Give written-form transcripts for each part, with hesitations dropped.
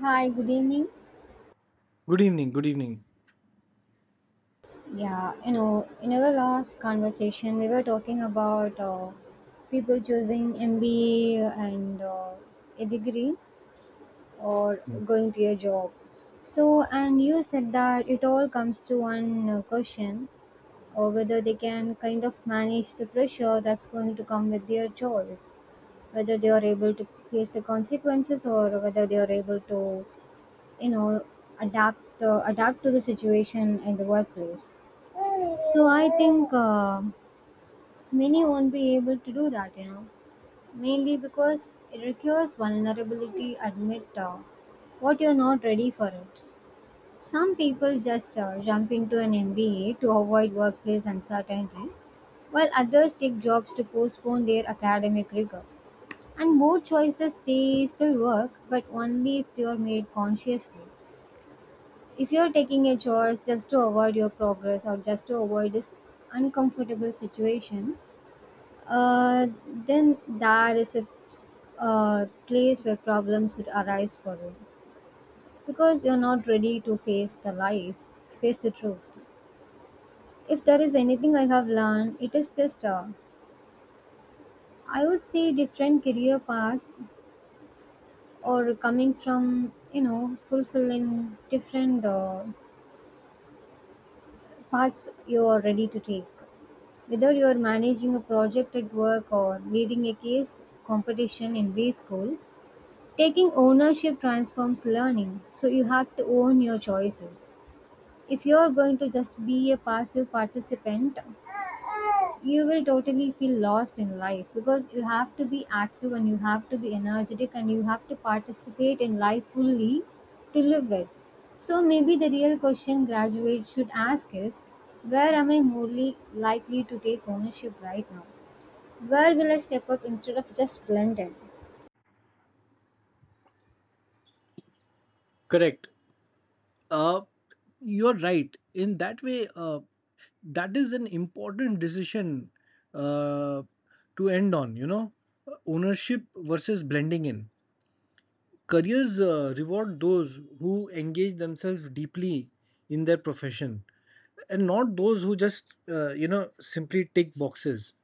Hi, good evening. Good evening. Yeah, you know, in our last conversation, we were talking about people choosing MBA and a degree or going to a job. So, and you said that it all comes to one question or whether they can kind of manage the pressure that's going to come with their choice, whether they are able to face the consequences or whether they are able to, you know, adapt to the situation in the workplace. So I think many won't be able to do that, mainly because it requires vulnerability. Admit what you're not ready for it. Some people just jump into an MBA to avoid workplace uncertainty, while others take jobs to postpone their academic rigor. And both choices they still work, but only if they are made consciously. If you're taking a choice just to avoid your progress or just to avoid this uncomfortable situation, Uh, then there is a place where problems would arise for you because you're not ready to face the life, face the truth. If there is anything I have learned, it is just I would say different career paths or coming from you know fulfilling different paths you are ready to take. Whether you are managing a project at work or leading a case competition in B school, taking ownership transforms learning, so you have to own your choices. If you're going to just be a passive participant, you will totally feel lost in life because you have to be active and you have to be energetic and you have to participate in life fully to live it. So maybe the real question graduates should ask is, where am I morely likely to take ownership right now? Where will I step up instead of just blend in? Correct. Uh, you're right. In that way, that is an important decision uh, to end on, you know, ownership versus blending in. Careers reward those who engage themselves deeply in their profession, and not those who just simply tick boxes.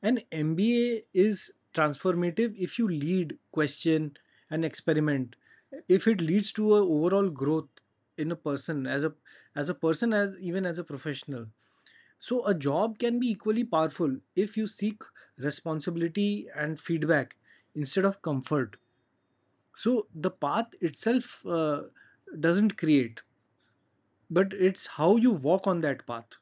An MBA is transformative if you lead, question, and experiment. If it leads to a overall growth in a person as a person, as even as a professional. So a job can be equally powerful if you seek responsibility and feedback instead of comfort. So the path itself doesn't create, but it's how you walk on that path.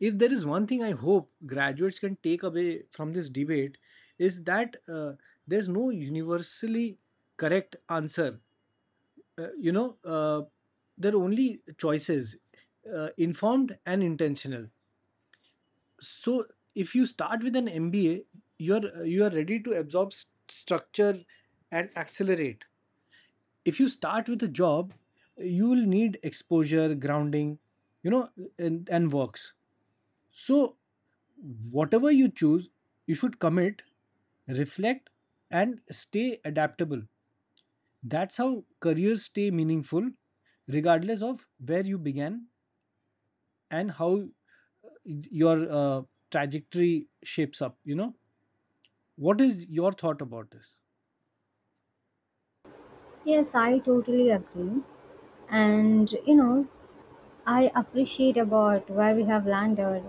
If there is one thing I hope graduates can take away from this debate, is that there's no universally correct answer. uh, you know uh, there are only choices, informed and intentional. So if you start with an mba, you are ready to absorb structure and accelerate. If you start with a job, you will need exposure, grounding, you know and works. So whatever you choose, you should commit, reflect, and stay adaptable. That's how careers stay meaningful, regardless of where you began and how your trajectory shapes up. You know, what is your thought about this? Yes, I totally agree. And you know, I appreciate about where we have landed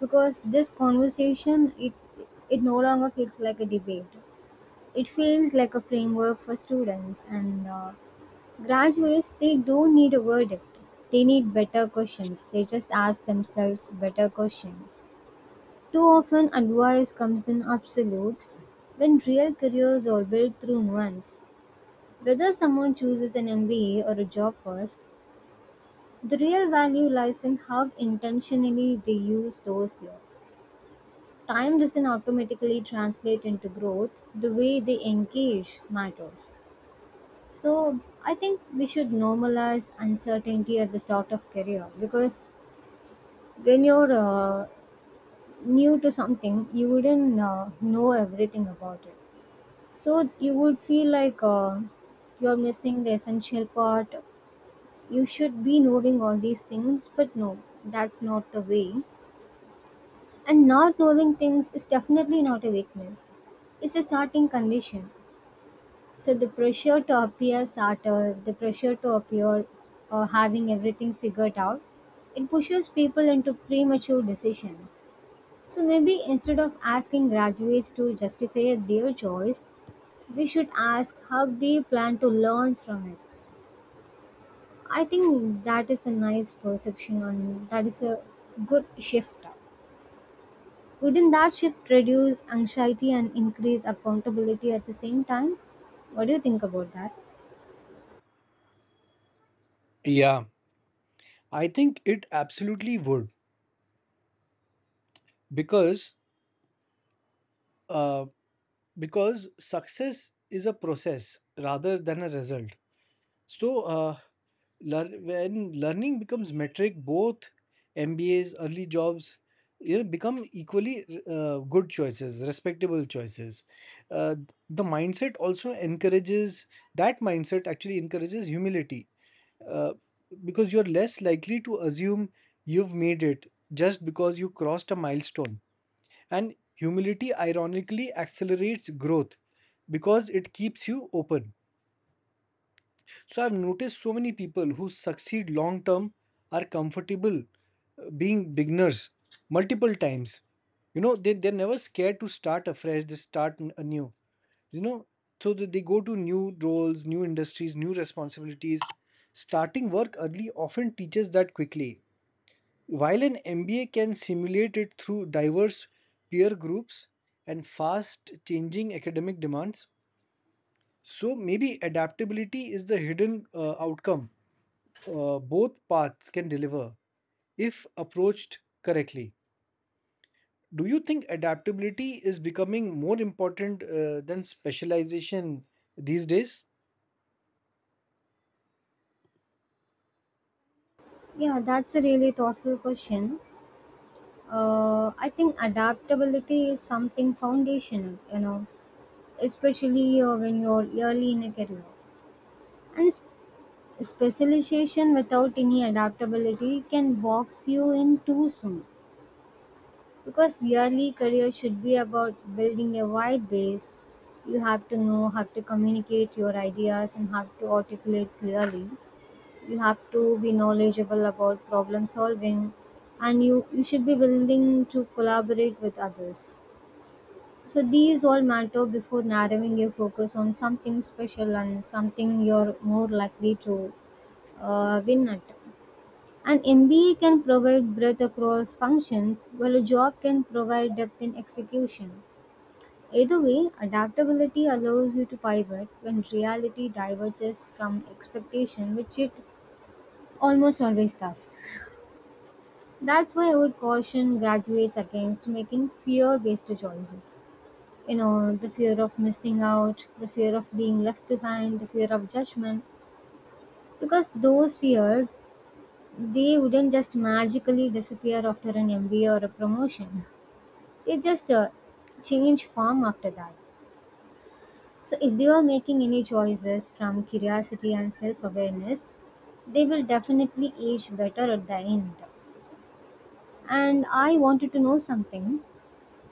because this conversation it no longer feels like a debate. It feels like a framework for students and graduates. They don't need a verdict. They need better questions. They just ask themselves better questions. Too often, advice comes in absolutes when real careers are built through nuance. Whether someone chooses an MBA or a job first, the real value lies in how intentionally they use those years. Time doesn't automatically translate into growth, the way they engage matters. So, I think we should normalize uncertainty at the start of career because when you're new to something, you wouldn't know everything about it. So, you would feel like you're missing the essential part. You should be knowing all these things, but no, that's not the way. And not knowing things is definitely not a weakness. It's a starting condition. So the pressure to appear smarter, the pressure to appear or having everything figured out, it pushes people into premature decisions. So maybe instead of asking graduates to justify their choice, we should ask how they plan to learn from it. I think that is a nice perception on that is a good shift. Wouldn't that shift reduce anxiety and increase accountability at the same time? What do you think about that? Yeah, I think it absolutely would, because uh, because success is a process rather than a result. So when learning becomes metric, both MBAs, early jobs, you know, become equally good choices, respectable choices. Uh, the mindset also encourages That mindset actually encourages humility, uh, because you're less likely to assume you've made it just because you crossed a milestone. And humility ironically accelerates growth because it keeps you open. So I've noticed so many people who succeed long term are comfortable being beginners multiple times. You know, they're never scared to start afresh, they start anew. You know, so that they go to new roles, new industries, new responsibilities. Starting work early often teaches that quickly, while an MBA can simulate it through diverse peer groups and fast changing academic demands. So maybe adaptability is the hidden outcome both paths can deliver if approached correctly. Do you think adaptability is becoming more important than specialization these days? Yeah, that's a really thoughtful question. I think adaptability is something foundational, you know, especially when you're early in a career. And specialization without any adaptability can box you in too soon. Because yearly career should be about building a wide base, you have to know how to communicate your ideas and how to articulate clearly. You have to be knowledgeable about problem solving and you should be willing to collaborate with others. So these all matter before narrowing your focus on something special and something you're more likely to win at. An MBA can provide breadth across functions, while a job can provide depth in execution. Either way, adaptability allows you to pivot when reality diverges from expectation, which it almost always does. That's why I would caution graduates against making fear based choices. You know, the fear of missing out, the fear of being left behind, the fear of judgment, because those fears they wouldn't just magically disappear after an MBA or a promotion. They just change form after that. So, if they are making any choices from curiosity and self awareness, they will definitely age better at the end. And I wanted to know something.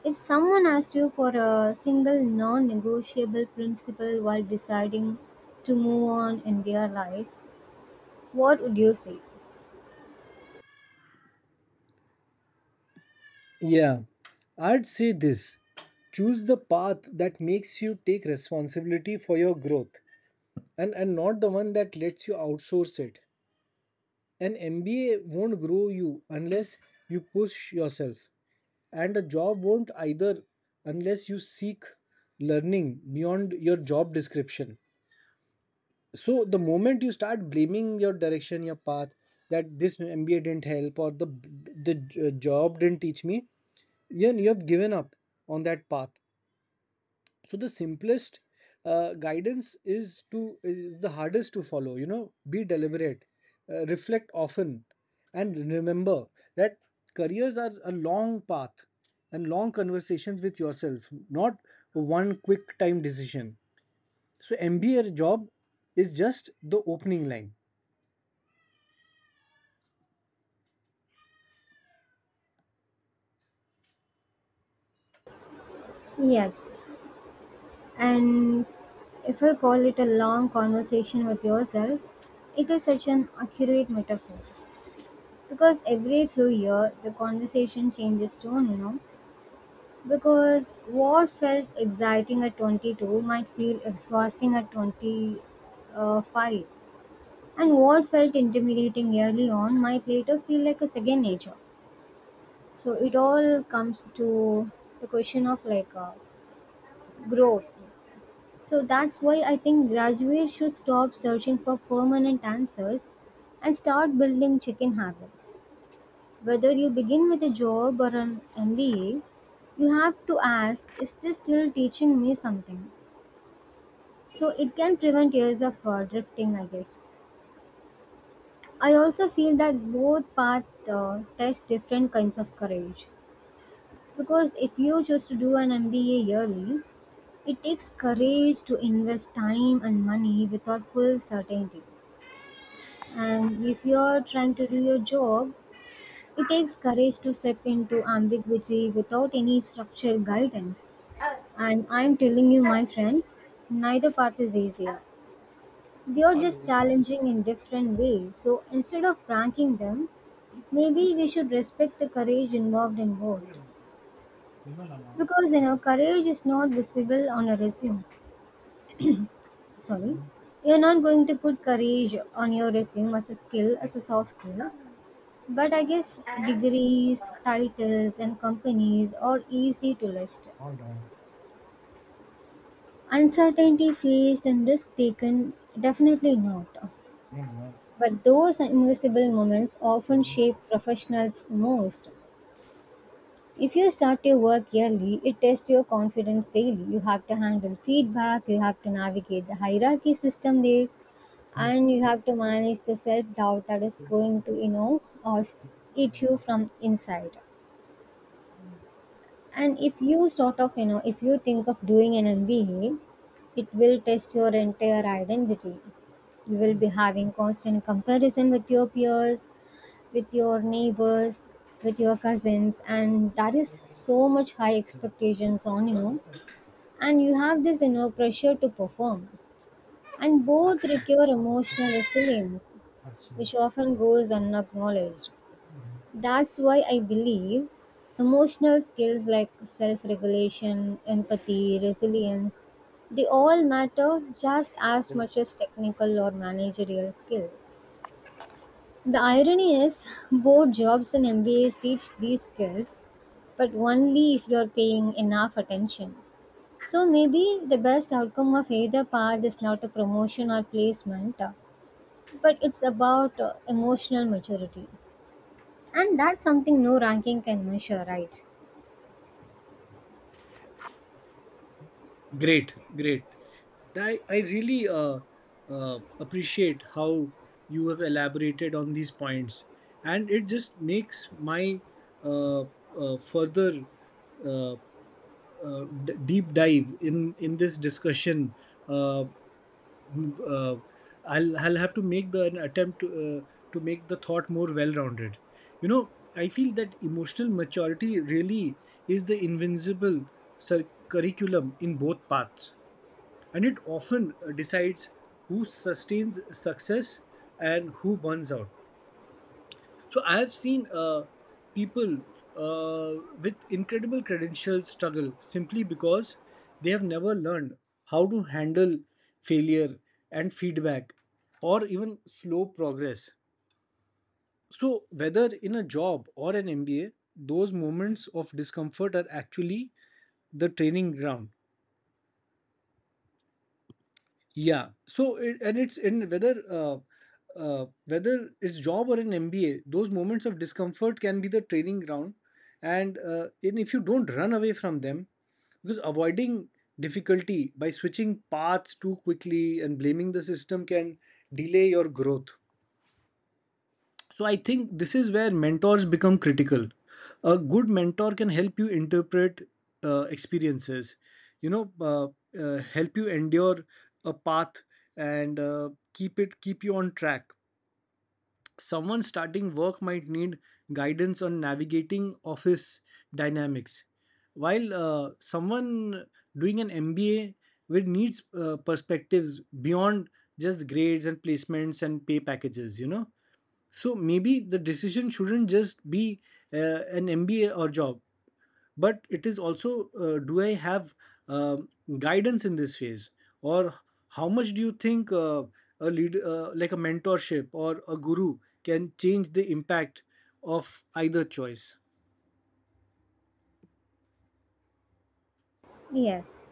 If someone asked you for a single non negotiable principle while deciding to move on in their life, what would you say? Yeah, I'd say this: choose the path that makes you take responsibility for your growth, and not the one that lets you outsource it. An MBA won't grow you unless you push yourself, and a job won't either unless you seek learning beyond your job description. So the moment you start blaming your direction, your path, that this mba didn't help, or the job didn't teach me, you have given up on that path. So the simplest guidance is the hardest to follow. You know, be deliberate, reflect often, and remember that careers are a long path and long conversations with yourself, not one quick time decision. So mba job is just the opening line. Yes, and if I call it a long conversation with yourself, it is such an accurate metaphor. Because every few years the conversation changes tone, you know. Because what felt exciting at 22 might feel exhausting at 25. And what felt intimidating early on might later feel like a second nature. So it all comes to the question of like growth. So that's why I think graduates should stop searching for permanent answers and start building check-in habits. Whether you begin with a job or an MBA, you have to ask, is this still teaching me something? So it can prevent years of drifting, I guess. I also feel that both paths test different kinds of courage. Because if you choose to do an MBA yearly, it takes courage to invest time and money without full certainty. And if you're trying to do your job, it takes courage to step into ambiguity without any structured guidance. And I'm telling you, my friend, neither path is easier. They are just challenging in different ways. So instead of ranking them, maybe we should respect the courage involved in both. Because you know, courage is not visible on a resume. Sorry. You're not going to put courage on your resume as a skill, as a soft skill. But I guess degrees, titles, and companies are easy to list. Hold Uncertainty faced and risk taken, definitely not. on. But those invisible moments often shape professionals most. If you start your work early, it tests your confidence daily. You have to handle feedback, you have to navigate the hierarchy system there, and you have to manage the self doubt that is going to, eat you from inside. And if you sort of, you know, if you think of doing an MBA, it will test your entire identity. You will be having constant comparison with your peers, with your neighbors, with your cousins, and that is so much high expectations on you. And you have this inner pressure to perform. And both require emotional resilience, which often goes unacknowledged. That's why I believe emotional skills like self regulation, empathy, resilience, they all matter just as much as technical or managerial skill. The irony is, both jobs and MBAs teach these skills, but only if you're paying enough attention. So maybe the best outcome of either path is not a promotion or placement, but it's about emotional maturity. And that's something no ranking can measure, right? Great, great. I really appreciate how you have elaborated on these points, and it just makes my uh, further uh, deep dive in this discussion. Uh, m- uh, I'll have to make the an attempt to make the thought more well-rounded. You know, I feel that emotional maturity really is the invincible curriculum in both paths, and it often decides who sustains success and who burns out. So I have seen people uh, with incredible credentials struggle simply because they have never learned how to handle failure and feedback, or even slow progress. So, whether in a job or an MBA, those moments of discomfort are actually the training ground. Yeah. So it, and it's in whether whether it's job or an MBA, those moments of discomfort can be the training ground, and if you don't run away from them, because avoiding difficulty by switching paths too quickly and blaming the system can delay your growth. So I think this is where mentors become critical. A good mentor can help you interpret experiences, you know, uh, help you endure a path and keep you on track. Someone starting work might need guidance on navigating office dynamics, while someone doing an MBA will needs perspectives beyond just grades and placements and pay packages. You know, so maybe the decision shouldn't just be uh, an mba or job, but it is also, do I have um guidance in this phase, or how much do you think a lead, like a mentorship or a guru, can change the impact of either choice? Yes,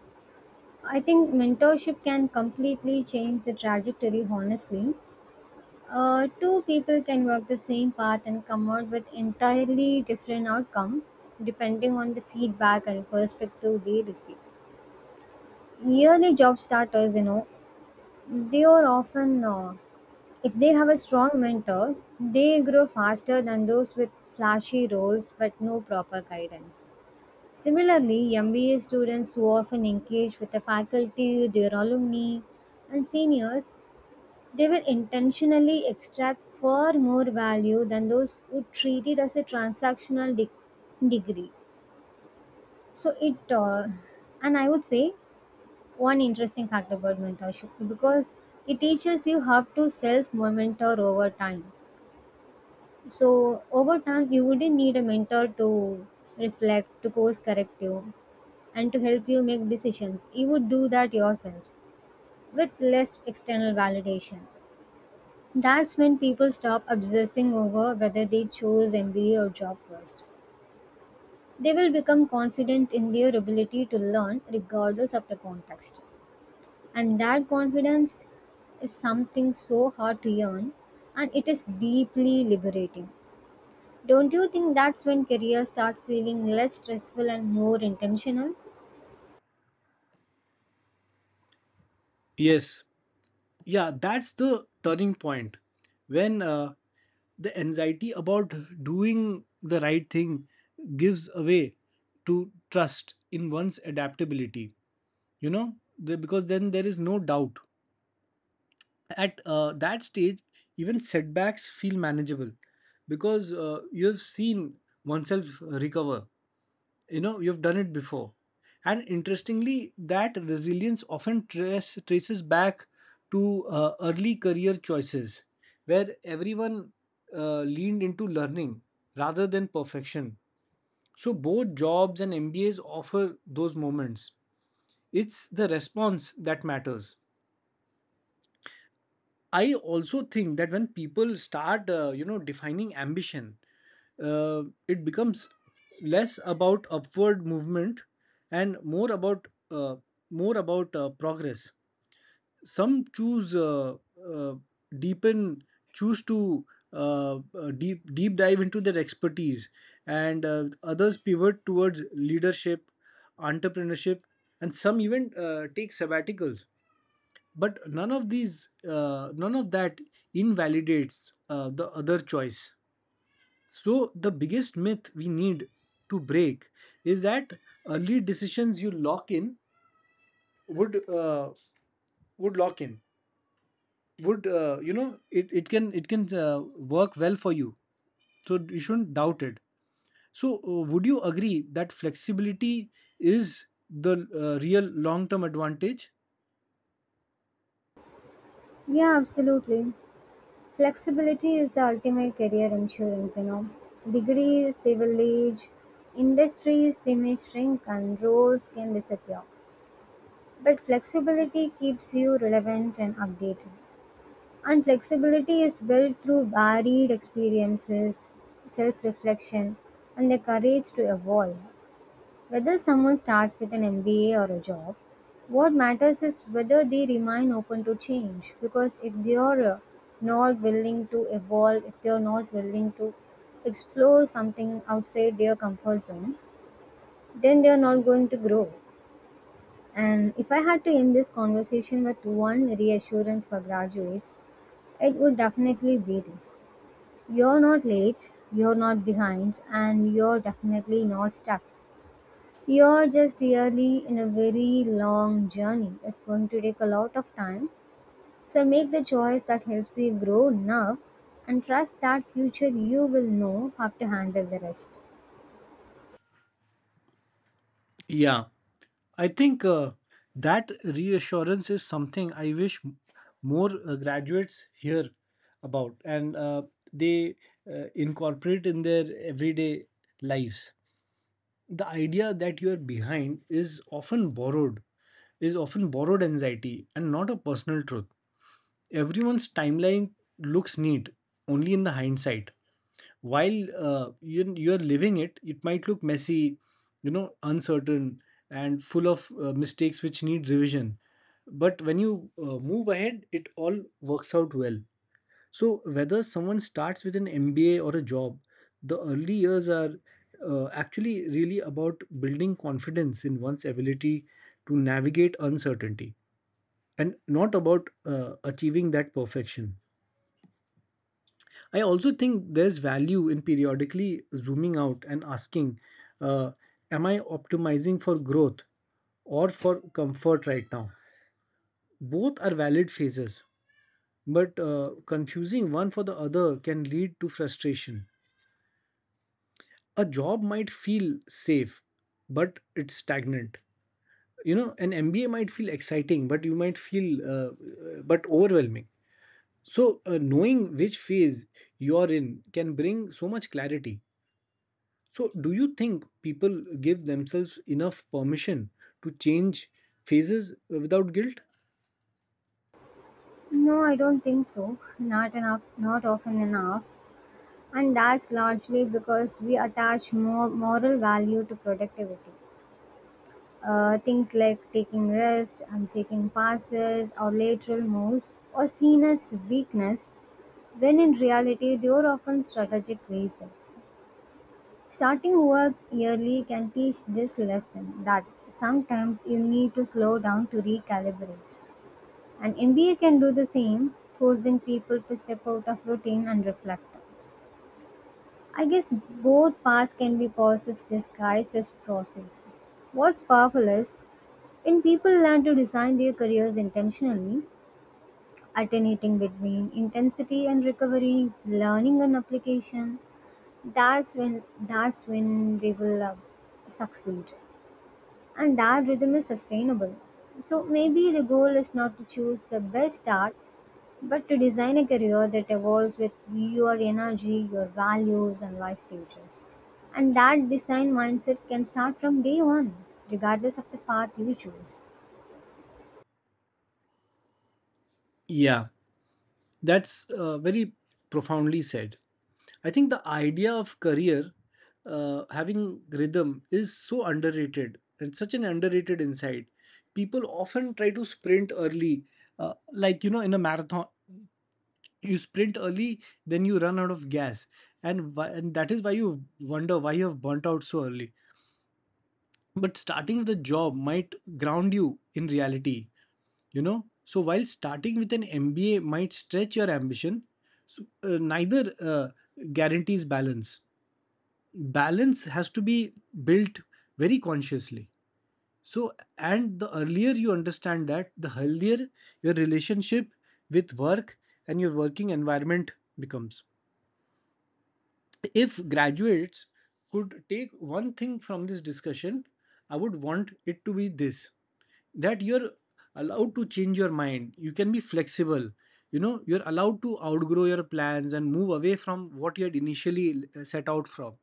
I think mentorship can completely change the trajectory, honestly. Two people can work the same path and come out with entirely different outcome depending on the feedback and perspective they receive. Yearly job starters, you know, they are often, if they have a strong mentor, they grow faster than those with flashy roles but no proper guidance. Similarly, MBA students who often engage with the faculty, their alumni, and seniors, they will intentionally extract far more value than those who treat it as a transactional degree. So and I would say one interesting fact about mentorship because it teaches you how to self mentor over time. So over time, you wouldn't need a mentor to reflect, to course correct you and to help you make decisions. You would do that yourself with less external validation. That's when people stop obsessing over whether they chose MBA or job first. They will become confident in their ability to learn regardless of the context. And that confidence is something so hard to earn and it is deeply liberating. Don't you think that's when careers start feeling less stressful and more intentional? Yes, yeah, that's the turning point, when the anxiety about doing the right thing gives away to trust in one's adaptability. You know because then there is no doubt at that stage, even setbacks feel manageable because you have seen oneself recover. You know, you've done it before. And interestingly, that resilience often traces back to early career choices, where everyone leaned into learning rather than perfection. So both jobs and mbas offer those moments. It's the response that matters. I also think that when people start, defining ambition, it becomes less about upward movement and more about progress. Some choose uh, deepen, choose to deep dive into their expertise, and others pivot towards leadership, entrepreneurship, and some even take sabbaticals, but none of that invalidates the other choice. So the biggest myth we need to break is that early decisions you lock in would uh, would lock in would you know it, it can work well for you, so you shouldn't doubt it. So would you agree that flexibility is the real long term advantage? Yeah, absolutely. Flexibility is the ultimate career insurance, you know. Degrees, they will age. Industries, they may shrink and roles can disappear. But flexibility keeps you relevant and updated. And flexibility is built through varied experiences, self reflection, and the courage to evolve. Whether someone starts with an MBA or a job, what matters is whether they remain open to change. Because if they are not willing to evolve, if they are not willing to explore something outside their comfort zone, then they are not going to grow. And if I had to end this conversation with one reassurance for graduates, it would definitely be this: you're not late, you're not behind, and you're definitely not stuck. You're just really in a very long journey. It's going to take a lot of time. So make the choice that helps you grow now and trust that future you will know how to handle the rest. Yeah, I think that reassurance is something I wish more graduates hear about and they incorporate in their everyday lives. The idea that you are behind is often borrowed anxiety and not a personal truth. Everyone's timeline looks neat only in the hindsight. While you're living it, it might look messy, you know, uncertain and full of mistakes which need revision, but when you move ahead it all works out well. So whether someone starts with an mba or a job, the early years are actually really about building confidence in one's ability to navigate uncertainty, and not about achieving that perfection. I also think there's value in periodically zooming out and asking, uh, am I optimizing for growth or for comfort right now? Both are valid phases, but confusing one for the other can lead to frustration. A job might feel safe, but it's stagnant. You know, an MBA might feel exciting, but you might feel but overwhelming. So, knowing which phase you're in can bring so much clarity. So, do you think people give themselves enough permission to change phases without guilt? No, I don't think so. Not enough, not often enough. And that's largely because we attach more moral value to productivity. Things like taking rest and taking passes or lateral moves are seen as weakness, when in reality they are often strategic resets. Starting work early can teach this lesson that sometimes you need to slow down to recalibrate. And MBA can do the same, forcing people to step out of routine and reflect. I guess both paths can be pauses disguised as process. What's powerful is when people learn to design their careers intentionally, alternating between intensity and recovery, learning and application, that's when they will succeed and that rhythm is sustainable. So maybe the goal is not to choose the best art, but to design a career that evolves with your energy, your values, and life stages. And that design mindset can start from day one, regardless of the path you choose. Yeah, that's very profoundly said. I think the idea of career having rhythm is so underrated and such an underrated insight. People often try to sprint early, like you know, in a marathon, you sprint early, then you run out of gas, and that is why you wonder why you have burnt out so early. But starting with a job might ground you in reality, you know, so while starting with an mba might stretch your ambition. So, neither guarantees balance. Balance has to be built very consciously. So, and the earlier you understand that, the healthier your relationship with work and your working environment becomes. If graduates could take one thing from this discussion, I would want it to be this, that you're allowed to change your mind. You can be flexible. You know, you're allowed to outgrow your plans and move away from what you had initially set out from.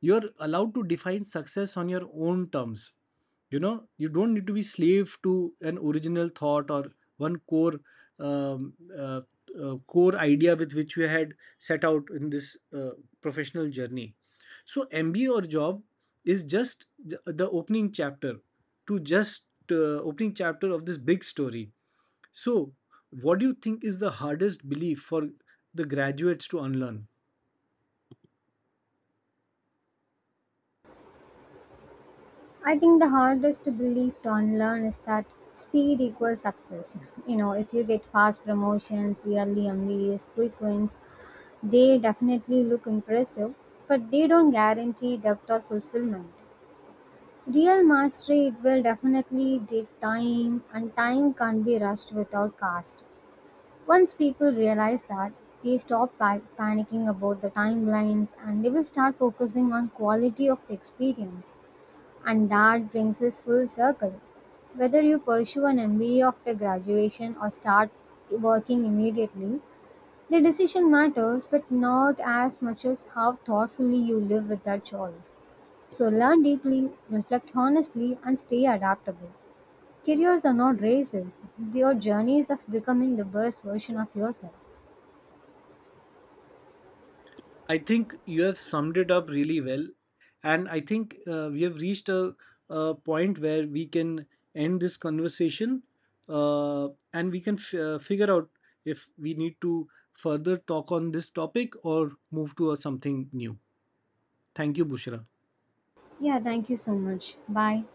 You're allowed to define success on your own terms. You know, you don't need to be slave to an original thought or one core um, uh, core idea with which you had set out in this professional journey. So mba or job is just the opening chapter, to just uh, opening chapter of this big story. So what do you think is the hardest belief for the graduates to unlearn? I think the hardest belief to unlearn is that speed equals success. You know, if you get fast promotions, yearly MBAs, quick wins, they definitely look impressive, but they don't guarantee depth or fulfillment. Real mastery it will definitely take time, and time can't be rushed without cost. Once people realize that, they stop panicking about the timelines and they will start focusing on quality of the experience. And that brings us full circle. Whether you pursue an MBA after graduation or start working immediately, the decision matters, but not as much as how thoughtfully you live with that choice. So learn deeply, reflect honestly, and stay adaptable. Careers are not races, they are journeys of becoming the best version of yourself. I think you have summed it up really well. And I think we have reached a point where we can end this conversation, and we can figure out if we need to further talk on this topic or move to a something new. Thank you, Bushra. Yeah, thank you so much. Bye.